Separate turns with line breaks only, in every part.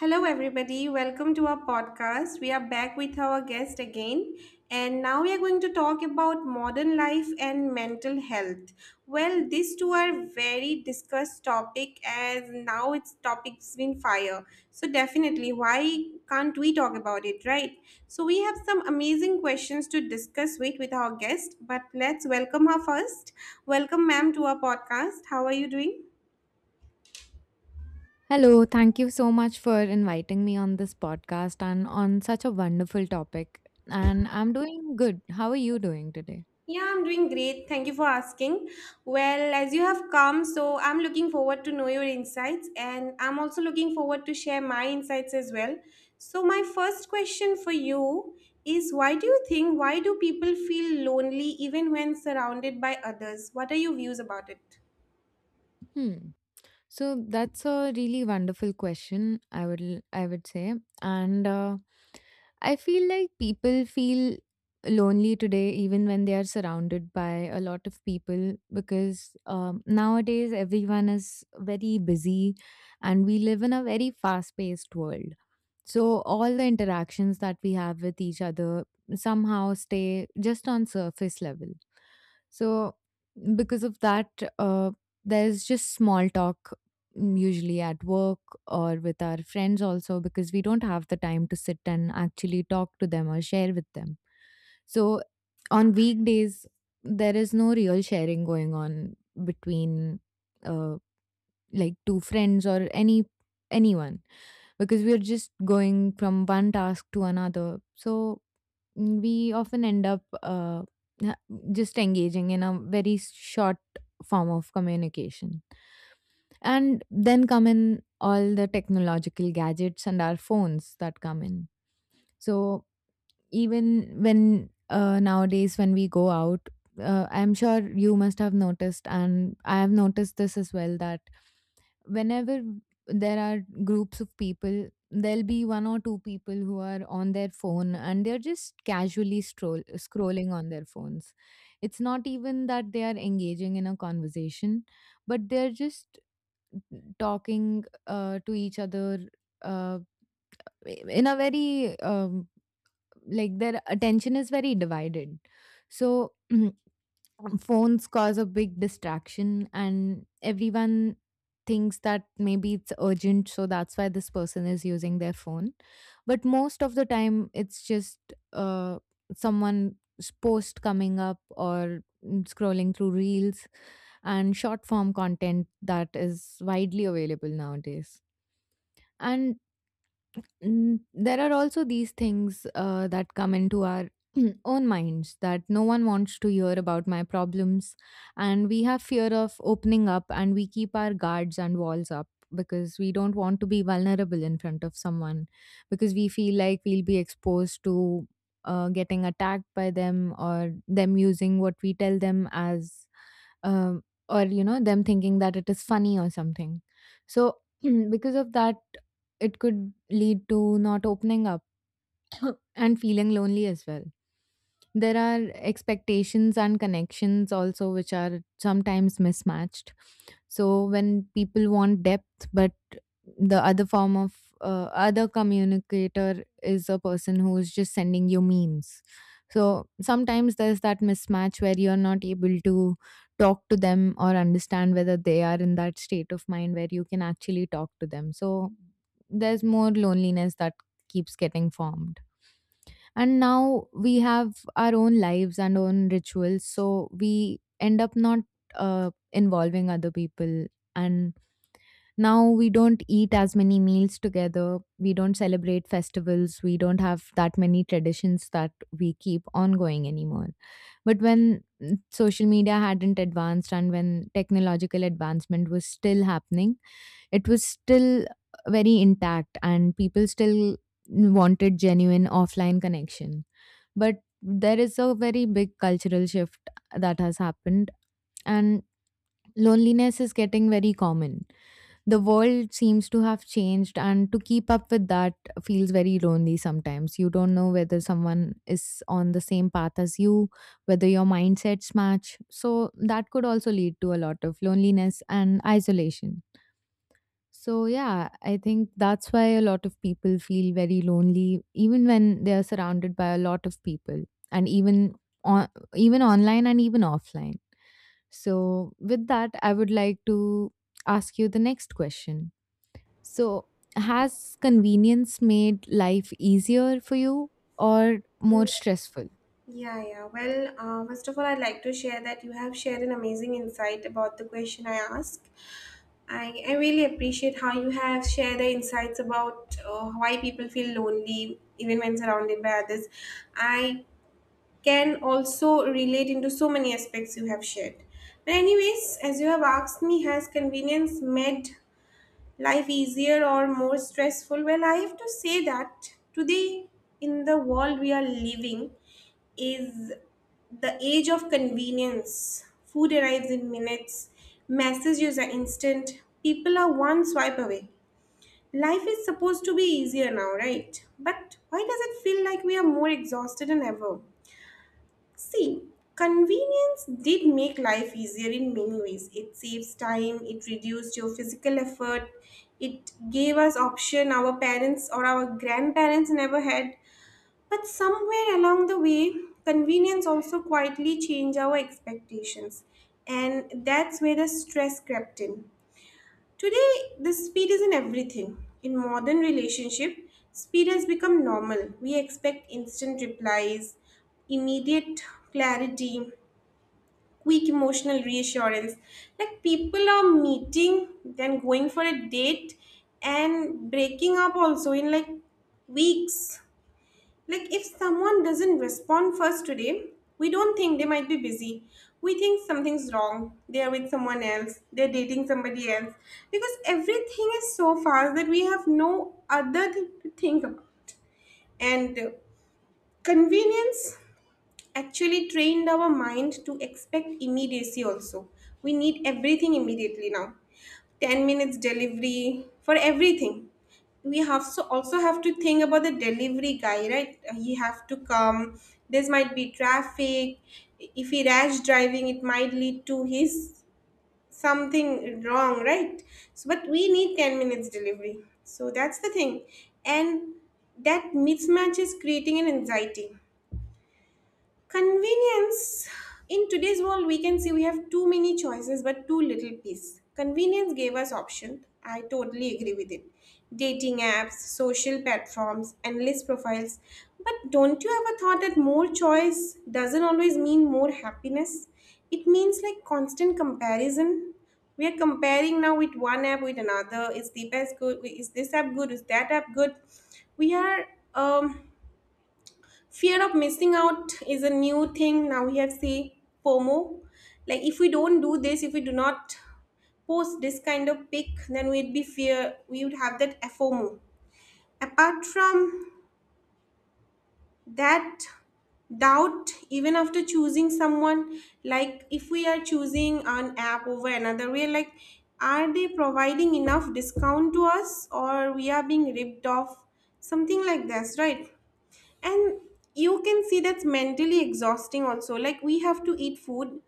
Hello, everybody. Welcome to our podcast. We are back with our guest again. And now we are going to talk about modern life and mental health. Well, these two are very discussed topic as now it's topics been fire. So definitely, why can't we talk about it, right? So we have some amazing questions to discuss with our guest. But let's welcome her first. Welcome, ma'am, to our podcast. How are you doing?
Hello, thank you so much for inviting me on this podcast and on such a wonderful topic. And I'm doing good. How are you doing today?
Yeah, I'm doing great. Thank you for asking. Well, as you have come, so I'm looking forward to know your insights and I'm also looking forward to share my insights as well. So my first question for you is why do people feel lonely even when surrounded by others? What are your views about it?
Hmm. So that's a really wonderful question. I would say, and I feel like people feel lonely today, even when they are surrounded by a lot of people, because nowadays everyone is very busy, and we live in a very fast-paced world. So all the interactions that we have with each other somehow stay just on surface level. So because of that, uh, there's just small talk, usually at work or with our friends also because we don't have the time to sit and actually talk to them or share with them. So on weekdays, there is no real sharing going on between uh, like to friends or anyone, because we are just going from one task to another. So we often end up ha- just engaging in a very short form of communication. And then come in all the technological gadgets and our phones that come in. So even when nowadays when we go out, I'm sure you must have noticed and I have noticed this as well that whenever there are groups of people, there'll be one or two people who are on their phone and they're just scrolling on their phones. It's not even that they are engaging in a conversation, but they're just talking to each other, uh, in a very like, their attention is very divided. So phones cause a big distraction, and everyone thinks that maybe it's urgent, so that's why this person is using their phone. But most of the time it's just uh, someone's post coming up or scrolling through reels and short form content that is widely available nowadays. And there are also these things that come into our own minds, that no one wants to hear about my problems. And we have fear of opening up, and we keep our guards and walls up because we don't want to be vulnerable in front of someone, because we feel like we'll be exposed to getting attacked by them, or them using what we tell them as or, you know, them thinking that it is funny or something. So because of that, it could lead to not opening up and feeling lonely as well. There are expectations and connections also, which are sometimes mismatched. So, when people want depth but the other form of other communicator is a person who's just sending you memes, so sometimes there's that mismatch where you're not able to talk to them or understand whether they are in that state of mind where you can actually talk to them. So there's more loneliness that keeps getting formed. And now we have our own lives and own rituals, so we end up not involving other people. And now we don't eat as many meals together. We don't celebrate festivals. We don't have that many traditions that we keep ongoing anymore. But when social media hadn't advanced and when technological advancement was still happening, it was still very intact and people still wanted genuine offline connection. But there is a very big cultural shift that has happened, and loneliness is getting very common. The world seems to have changed, and to keep up with that feels very lonely. Sometimes you don't know whether someone is on the same path as you, whether your mindsets match, so that could also lead to a lot of loneliness and isolation. So yeah, I think that's why a lot of people feel very lonely even when they are surrounded by a lot of people, and even on, even online and even offline. So with that, I would like to ask you the next question. So, has convenience made life easier for you or more stressful?
Yeah, yeah. Well, first of all, I'd like to share that you have shared an amazing insight about the question I asked. I really appreciate how you have shared the insights about why people feel lonely even when surrounded by others. I can also relate into so many aspects you have shared. But anyways, as you have asked me, has convenience made life easier or more stressful? Well, I have to say that today, in the world we are living, is the age of convenience. Food arrives in minutes, messages are instant, people are one swipe away. Life is supposed to be easier now, right? But why does it feel like we are more exhausted than ever? See, convenience did make life easier in many ways. It saves time, it reduced your physical effort, it gave us option our parents or our grandparents never had. But somewhere along the way, convenience also quietly changed our expectations. And that's where the stress crept in. Today, the speed is in everything. In modern relationship, speed has become normal. We expect instant replies, immediate clarity, quick emotional reassurance. Like people are meeting, then going for a date and breaking up also in like weeks. Like, if someone doesn't respond first today, we don't think they might be busy. We think something's wrong. They are with someone else. They're dating somebody else. Because everything is so fast that we have no other thing to think about. And convenience actually trained our mind to expect immediacy also. We need everything immediately now. 10 minutes delivery for everything. We have so also have to think about the delivery guy, right? He have to come, this might be traffic, if he rash driving it might lead to his something wrong, right? So but we need 10 minutes delivery. So that's the thing. And that mismatch is creating an anxiety. Convenience in today's world, we can see we have too many choices but too little peace. Convenience gave us options. I totally agree with it. Dating apps, social platforms, endless profiles. But don't you ever thought that more choice doesn't always mean more happiness? It means like constant comparison. We are comparing now with one app with another. Is the best good? Is this app good? Is that app good? We are um Fear of missing out is a new thing now, we have see, FOMO. Like if we don't do this, if we do not post this kind of pic, then we'd be fear, we would have that FOMO. Apart from that, doubt even after choosing someone. Like if we are choosing an app over another, we're like, are they providing enough discount to us or we are being ripped off, something like this, right? And you can see that's mentally exhausting also. Like we have to eat food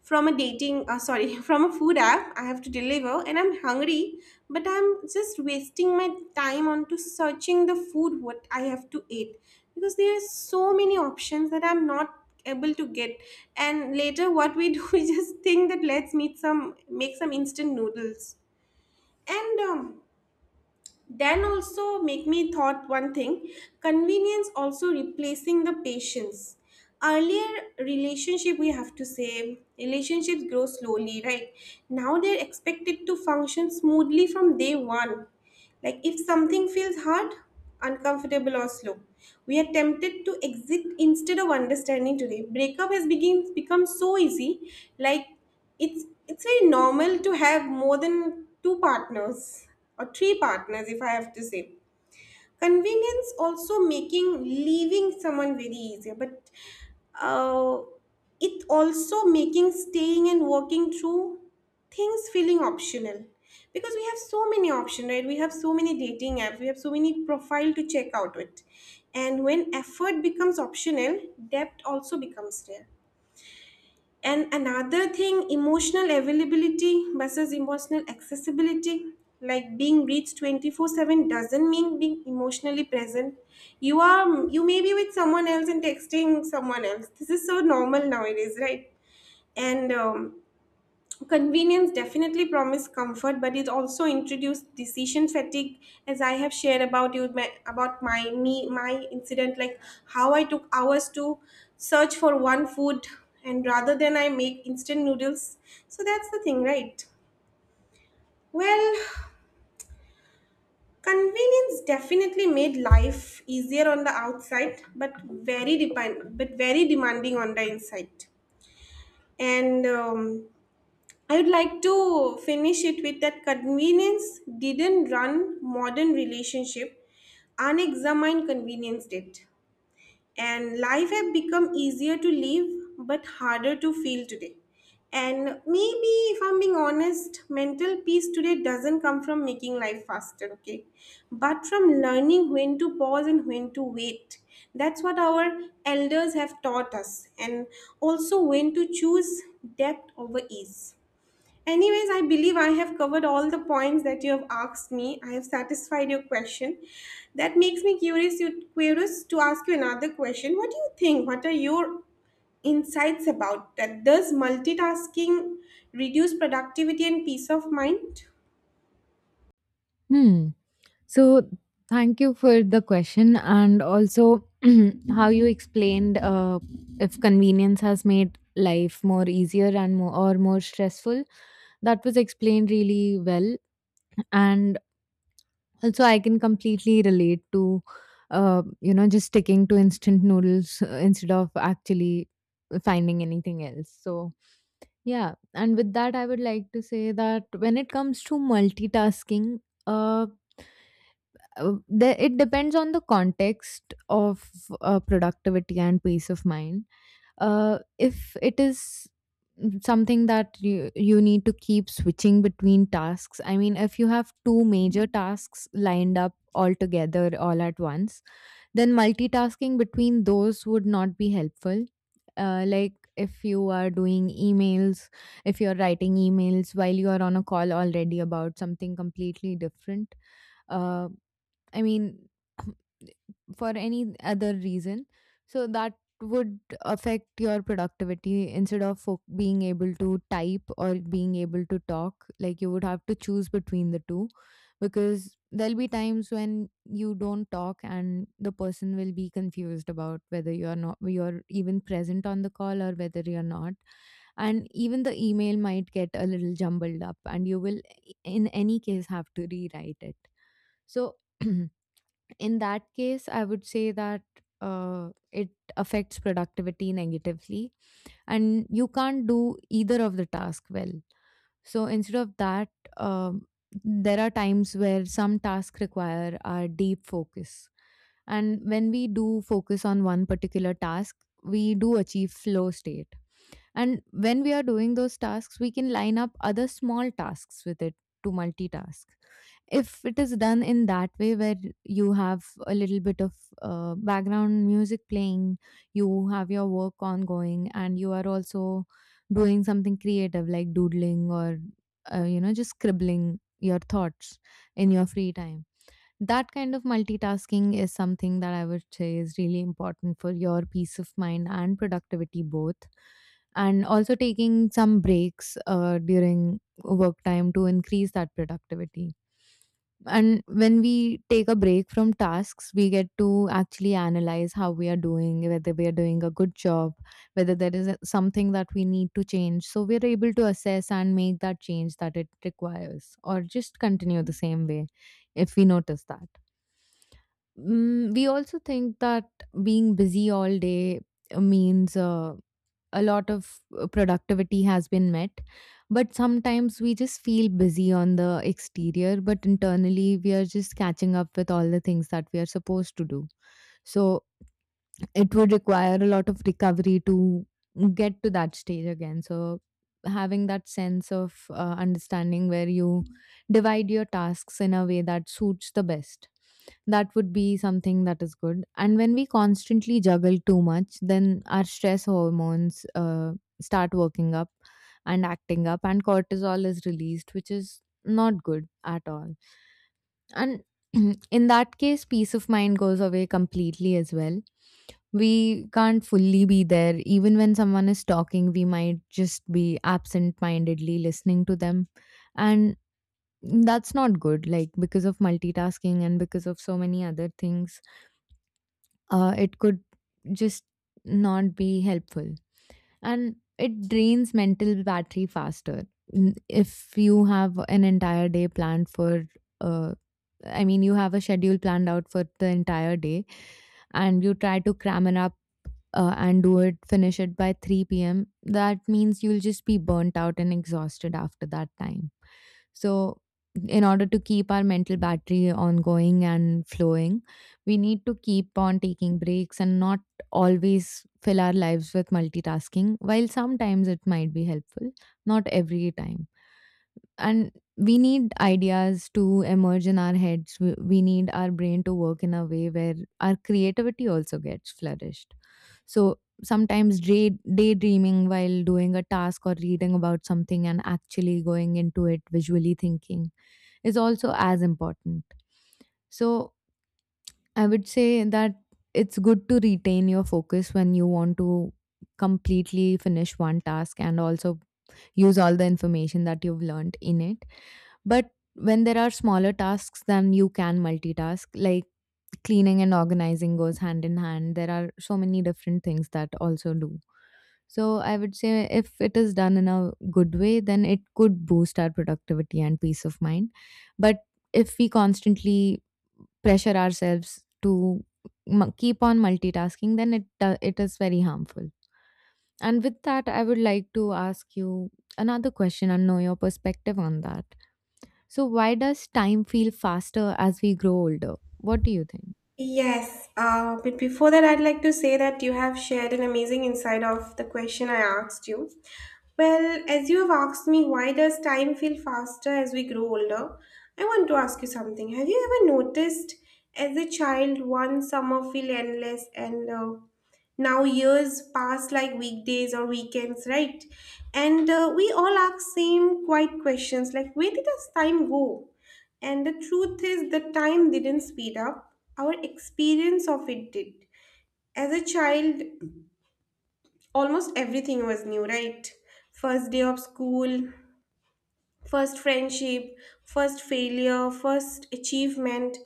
from a dating sorry, from a food app, I have to deliver and I'm hungry, but I'm just wasting my time onto searching the food what I have to eat, because there are so many options that I'm not able to get. And later what we do, we just think that let's meet some make some instant noodles. And then also make me thought one thing, convenience also replacing the patience. Earlier relationship we have to say, relationships grow slowly, right? Now they're expected to function smoothly from day one. Like if something feels hard, uncomfortable, or slow, we are tempted to exit instead of understanding today. Breakup has begin, become so easy. Like it's very normal to have more than two partners or three partners, if I have to say. Convenience also making leaving someone very easier, but uh, it also making staying and working through things feeling optional. Because we have so many options, right? We have so many dating apps, we have so many profile to check out with. And when effort becomes optional, depth also becomes rare. And another thing, emotional availability versus emotional accessibility. Like being reached 24/7 doesn't mean being emotionally present. You may be with someone else and texting someone else. This is so normal nowadays, right? And convenience definitely promised comfort, but it also introduced decision fatigue, as I have shared about you my, about my me my incident, like how I took hours to search for one food, and rather than I make instant noodles. So that's the thing, right? Well, convenience definitely made life easier on the outside, but very depend but very demanding on the inside. And I would like to finish it with that convenience didn't run modern relationship, unexamined convenience did. And life have become easier to live but harder to feel today. And maybe if I'm being honest, mental peace today doesn't come from making life faster, okay? But from learning when to pause and when to wait. That's what our elders have taught us. And also when to choose depth over ease. Anyways, I believe I have covered all the points that you have asked me. I have satisfied your question. That makes me curious to ask you another question. What do you think? What are your insights about that? Does multitasking reduce productivity and peace of mind?
Hmm. So, thank you for the question, and also how you explained if convenience has made life more easier and more stressful. That was explained really well. And also, I can completely relate to, you know, just sticking to instant noodles instead of actually finding anything else. So, yeah. And with that, I would like to say that when it comes to multitasking, uh, it depends on the context of productivity and peace of mind. If it is something that you need to keep switching between tasks, I mean, if you have two major tasks lined up all together all at once, then multitasking between those would not be helpful. Like, if you are doing emails, if you're writing emails while you are on a call already about something completely different, uh, I mean, for any other reason. So that would affect your productivity, instead of being able to type or being able to talk. Like, you would have to choose between the two, because there'll be times when you don't talk and the person will be confused about whether you're not you're even present on the call or whether you're not. And even the email might get a little jumbled up, and you will in any case have to rewrite it. So in that case, I would say that it affects productivity negatively, and you can't do either of the task well. So instead of that, um, there are times where some tasks require our deep focus, and when we do focus on one particular task, we do achieve flow state. And when we are doing those tasks, we can line up other small tasks with it to multitask. If it is done in that way where you have a little bit of background music playing, you have your work ongoing, and you are also doing something creative like doodling or, you know, just scribbling your thoughts in your free time, that kind of multitasking is something that I would say is really important for your peace of mind and productivity both. And also taking some breaks during work time to increase that productivity. And when we take a break from tasks, we get to actually analyze how we are doing, whether we are doing a good job, whether there is something that we need to change. So we're able to assess and make that change that it requires, or just continue the same way if we notice that. Mm, we also think that being busy all day means a lot of productivity has been met. But sometimes we just feel busy on the exterior, but internally we are just catching up with all the things that we are supposed to do. So it would require a lot of recovery to get to that stage again. So having that sense of understanding where you divide your tasks in a way that suits the best, that would be something that is good. And when we constantly juggle too much, then our stress hormones start working up and acting up, and cortisol is released, which is not good at all. And in that case, peace of mind goes away completely as well. We can't fully be there. Even when someone is talking, we might just be absent mindedly listening to them. And that's not good. Like, because of multitasking and because of so many other things, it could just not be helpful. And it drains mental battery faster. If you have an entire day planned for, uh, I mean, you have a schedule planned out for the entire day and you try to cram it up and finish it by 3 p.m., that means you'll just be burnt out and exhausted after that time. So, in order to keep our mental battery ongoing and flowing, we need to keep on taking breaks and not always fill our lives with multitasking. While sometimes it might be helpful, not every time. And we need ideas to emerge in our heads. We need our brain to work in a way where our creativity also gets flourished. So sometimes daydreaming while doing a task, or reading about something and actually going into it, visually thinking, is also as important. So I would say that it's good to retain your focus when you want to completely finish one task and also use all the information that you've learned in it. But when there are smaller tasks, then you can multitask, like cleaning and organizing goes hand in hand. There are so many different things that also do. So I would say if it is done in a good way, then it could boost our productivity and peace of mind. But if we constantly pressure ourselves to keep on multitasking, then it is very harmful. And with that, I would like to ask you another question and know your perspective on that. So, why does time feel faster as we grow older? What do you think?
Yes, but before that, I'd like to say that you have shared an amazing insight of the question I asked you. Well, as you have asked me, why does time feel faster as we grow older? I want to ask you something. Have you ever noticed, as a child, one summer feel endless, and now years pass like weekdays or weekends, right? And we all ask same quiet questions like, where did this time go? And the truth is, the time didn't speed up, our experience of it did. As a child, almost everything was new, right? First day of school, first friendship, first failure, first achievement.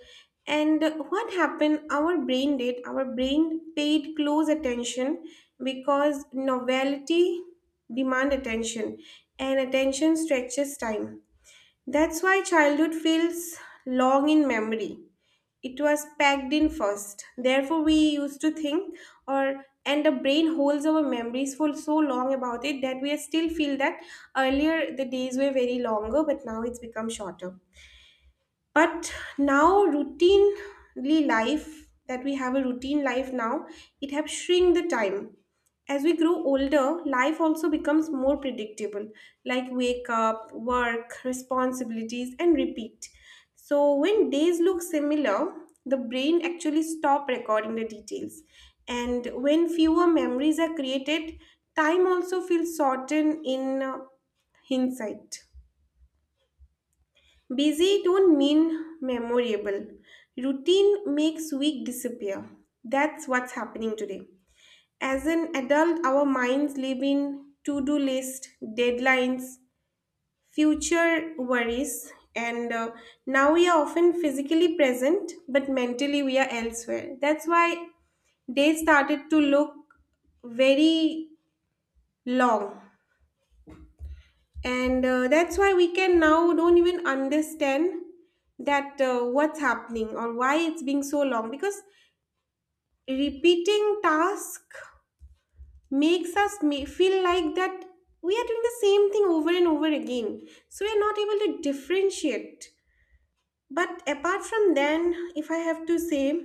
And what happened? Our brain paid close attention because novelty demand attention and attention stretches time. That's why childhood feels long in memory, it was packed in first. Therefore, we used to think, or and the brain holds our memories for so long about it that we still feel that earlier the days were very longer, but now it's become shorter. But now routinely life that we have a routine life now, it have shrink the time. As we grow older, life also becomes more predictable, like wake up, work, responsibilities, and repeat. So when days look similar, the brain actually stop recording the details. And when fewer memories are created, time also feels shortened in hindsight. Busy don't mean memorable. Routine makes week disappear. That's what's happening today. As an adult, our minds live in to-do list, deadlines, future worries, and now we are often physically present, but mentally we are elsewhere. That's why days started to look very long. And that's why we can now don't even understand that what's happening or why it's being so long, because repeating task makes us feel like that we are doing the same thing over and over again, so we are not able to differentiate. But apart from then, if I have to say,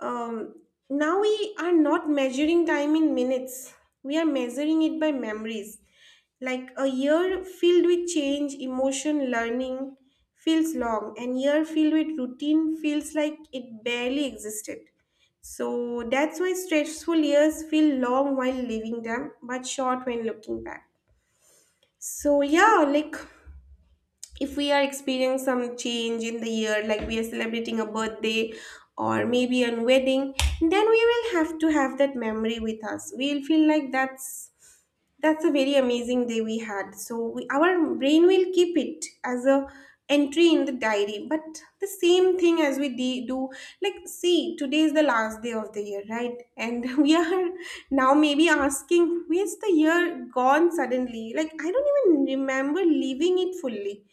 Um, now we are not measuring time in minutes. We are measuring it by memories. Like a year filled with change, emotion, learning feels long, and year filled with routine feels like it barely existed. So that's why stressful years feel long while living them, but short when looking back. So yeah, like if we are experiencing some change in the year, like we are celebrating a birthday or maybe a wedding, then we will have to have that memory with us, we'll feel like that's a very amazing day we had. So our brain will keep it as a entry in the diary. But the same thing as we do, like see, today is the last day of the year, right? And we are now maybe asking, where's the year gone suddenly? Like I don't even remember leaving it fully.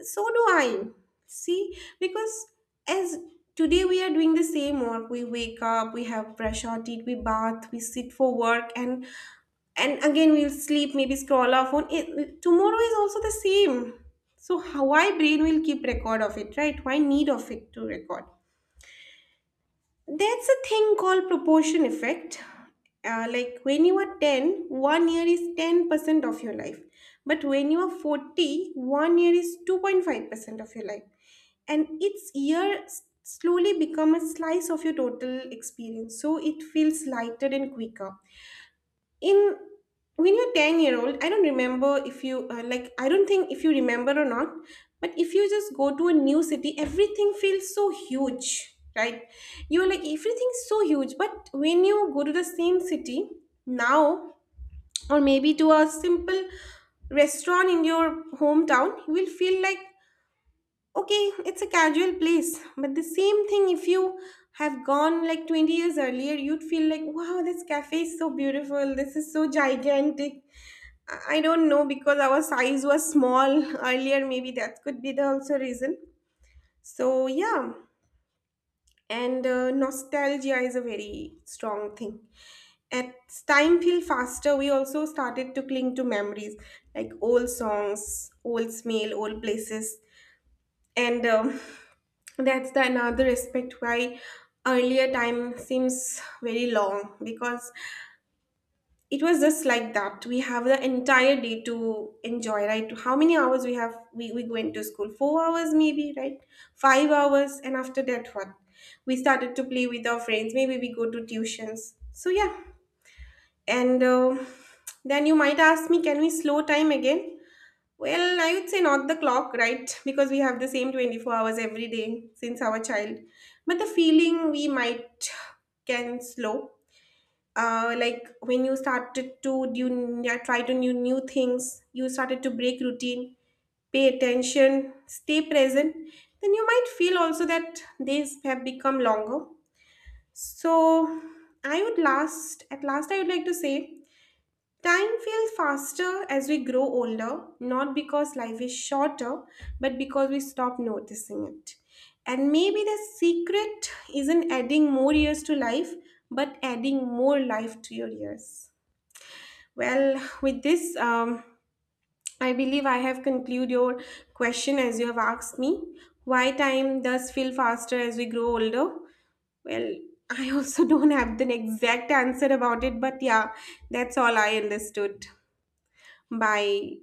So do I. See, because as today we are doing the same work. We wake up, we have brush our teeth, we bath, we sit for work, and again we'll sleep, maybe scroll our phone it, tomorrow is also the same. So how, why brain will keep record of it, right? Why need of it to record? That's a thing called proportion effect. Like when you are ten, one year is 10% of your life, but when you are 40, one year is 2.5% of your life. And each year slowly become a slice of your total experience, so it feels lighter and quicker. In When you're 10-year old, I don't remember if you like I don't think if you remember or not. But if you just go to a new city, everything feels so huge, right? You're like, everything's so huge. But when you go to the same city now, or maybe to a simple restaurant in your hometown, you will feel like, okay, it's a casual place. But the same thing, if you have gone like 20 years earlier, you'd feel like, wow, this cafe is so beautiful. This is so gigantic. I don't know, because our size was small earlier. Maybe that could be the also reason. So, yeah. And nostalgia is a very strong thing. As time feel faster, we also started to cling to memories like old songs, old smell, old places. And That's the another aspect why earlier time seems very long, because it was just like that we have the entire day to enjoy, right? How many hours we have? We went to school 4 hours maybe, right? 5 hours. And after that what? We started to play with our friends, maybe we go to tuitions. So yeah. And then you might ask me, can we slow time again? Well, I would say not the clock, right? Because we have the same 24 hours every day since our child. But the feeling we might can slow. Like when you started to do, yeah, try to new things, you started to break routine, pay attention, stay present. Then you might feel also that days have become longer. So I would last at last I would like to say, time feels faster as we grow older, not because life is shorter, but because we stop noticing it. And maybe the secret isn't adding more years to life, but adding more life to your years. Well, with this, I believe I have concluded your question as you have asked me. Why time does feel faster as we grow older? Well, I also don't have the exact answer about it, but yeah, that's all I understood. Bye.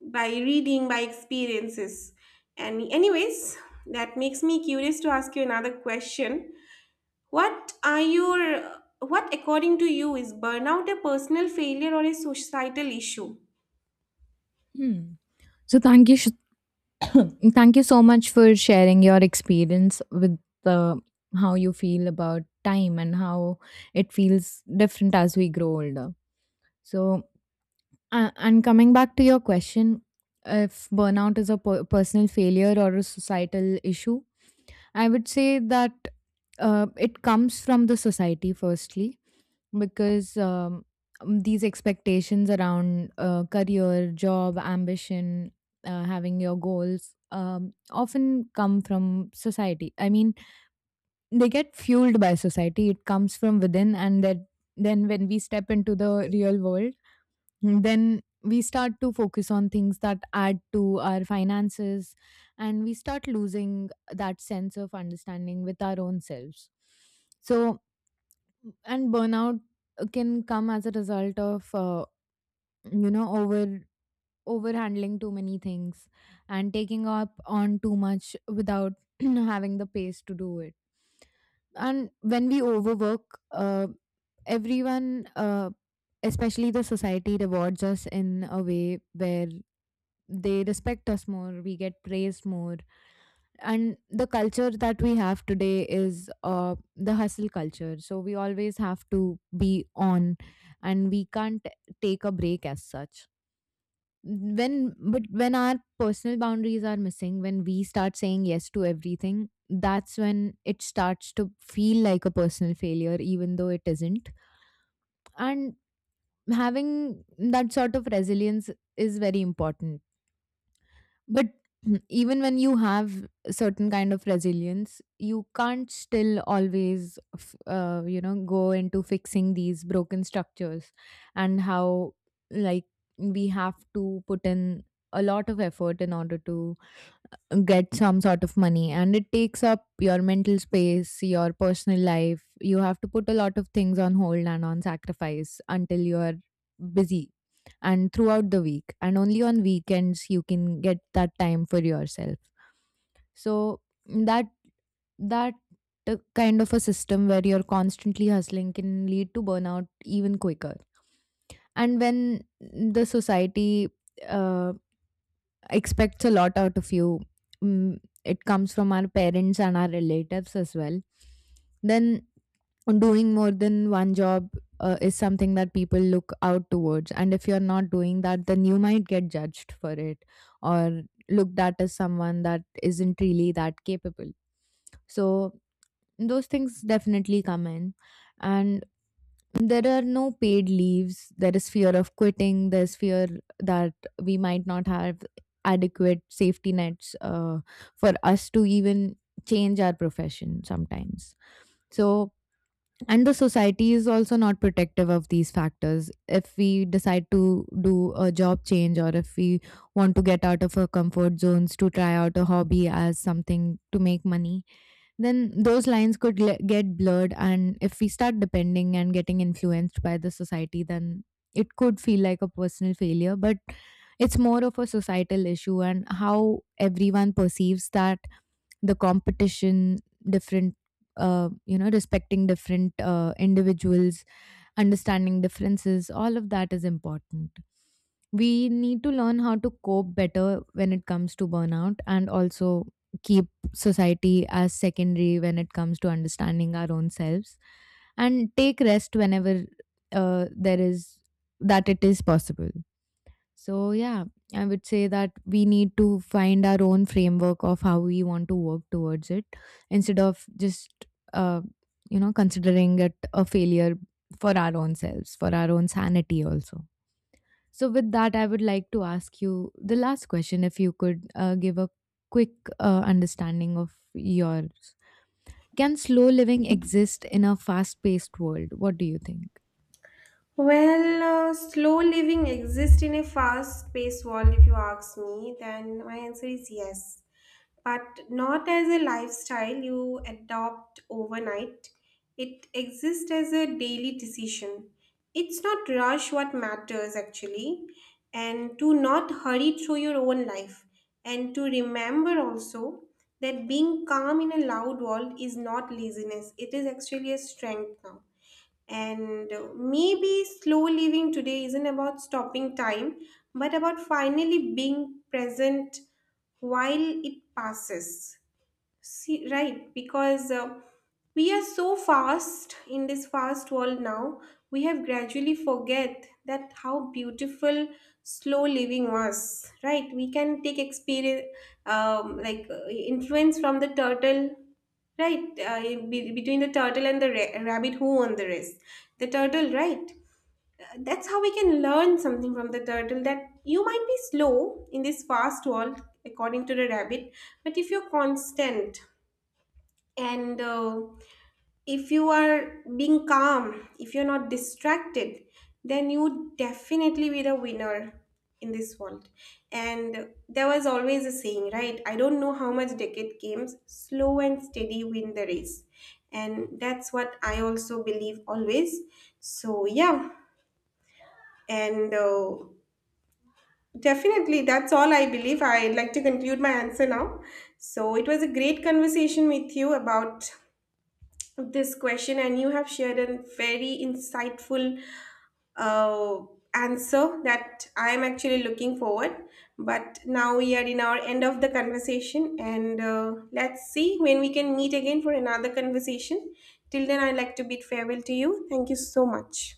By reading, by experiences. And, anyways, that makes me curious to ask you another question. What according to you is burnout, a personal failure or a societal issue?
Hmm. So thank you so much for sharing your experience with the how you feel about time and how it feels different as we grow older. So and coming back to your question, if burnout is a personal failure or a societal issue, I would say that it comes from the society, firstly, because these expectations around career, job, ambition, having your goals often come from society. I mean, they get fueled by society, it comes from within, and that then when we step into the real world, mm, then we start to focus on things that add to our finances, and we start losing that sense of understanding with our own selves. So, and burnout can come as a result of you know, over overhandling too many things and taking up on too much without having the pace to do it. And when we overwork, everyone, especially the society, rewards us in a way where they respect us more, we get praised more. And the culture that we have today is the hustle culture. So we always have to be on, and we can't take a break as such when, but when our personal boundaries are missing, when we start saying yes to everything, that's when it starts to feel like a personal failure, even though it isn't. And having that sort of resilience is very important, but even when you have a certain kind of resilience, you can't still always, you know, go into fixing these broken structures. And how, like, we have to put in a lot of effort in order to get some sort of money, and it takes up your mental space, your personal life. You have to put a lot of things on hold and on sacrifice until you're busy and throughout the week, and only on weekends you can get that time for yourself. So that, that kind of a system where you're constantly hustling can lead to burnout even quicker. And when the society uh, expects a lot out of you, mm, it comes from our parents and our relatives as well. Then doing more than one job is something that people look out towards, and if you're not doing that, then you might get judged for it, or looked at as someone that isn't really that capable. So those things definitely come in. And there are no paid leaves, there is fear of quitting, there's fear that we might not have adequate safety nets for us to even change our profession sometimes. So, and the society is also not protective of these factors. If we decide to do a job change, or if we want to get out of our comfort zones to try out a hobby as something to make money, then those lines could get blurred. And if we start depending and getting influenced by the society, then it could feel like a personal failure. But it's more of a societal issue, and how everyone perceives that. The competition, different, you know, respecting different individuals, understanding differences, all of that is important. We need to learn how to cope better when it comes to burnout, and also keep society as secondary when it comes to understanding our own selves, and take rest whenever there is that it is possible. So, yeah, I would say that we need to find our own framework of how we want to work towards it, instead of just, uh, you know, considering it a failure for our own selves, for our own sanity also. So, with that, I would like to ask you the last question, if you could give a quick understanding of yours. Can slow living exist in a fast paced world? What do you think?
Well, slow living exists in a fast paced world, if you ask me, then my answer is yes. But not as a lifestyle you adopt overnight. It exists as a daily decision. It's not rush what matters actually, and to not hurry through your own life, and to remember also that being calm in a loud world is not laziness, it is actually a strength now. And maybe slow living today isn't about stopping time, but about finally being present while it passes. See, right, because we are so fast in this fast world now, we have gradually forget that how beautiful slow living was, right? We can take experience, like influence from the turtle, right? In between the turtle and the rabbit, who on the race? The turtle, right? That's how we can learn something from the turtle, that you might be slow in this fast world, according to the rabbit, but if you're constant and if you are being calm, if you're not distracted, then you definitely be the winner in this world. And there was always a saying, right? I don't know how much decade came, slow and steady win the race. And that's what I also believe always. So yeah. And definitely that's all I believe. I'd like to conclude my answer now. So it was a great conversation with you about this question, and you have shared a very insightful uh, answer that I am actually looking forward. But now we are in our end of the conversation, and let's see when we can meet again for another conversation. Till then, I'd like to bid farewell to you. Thank you so much.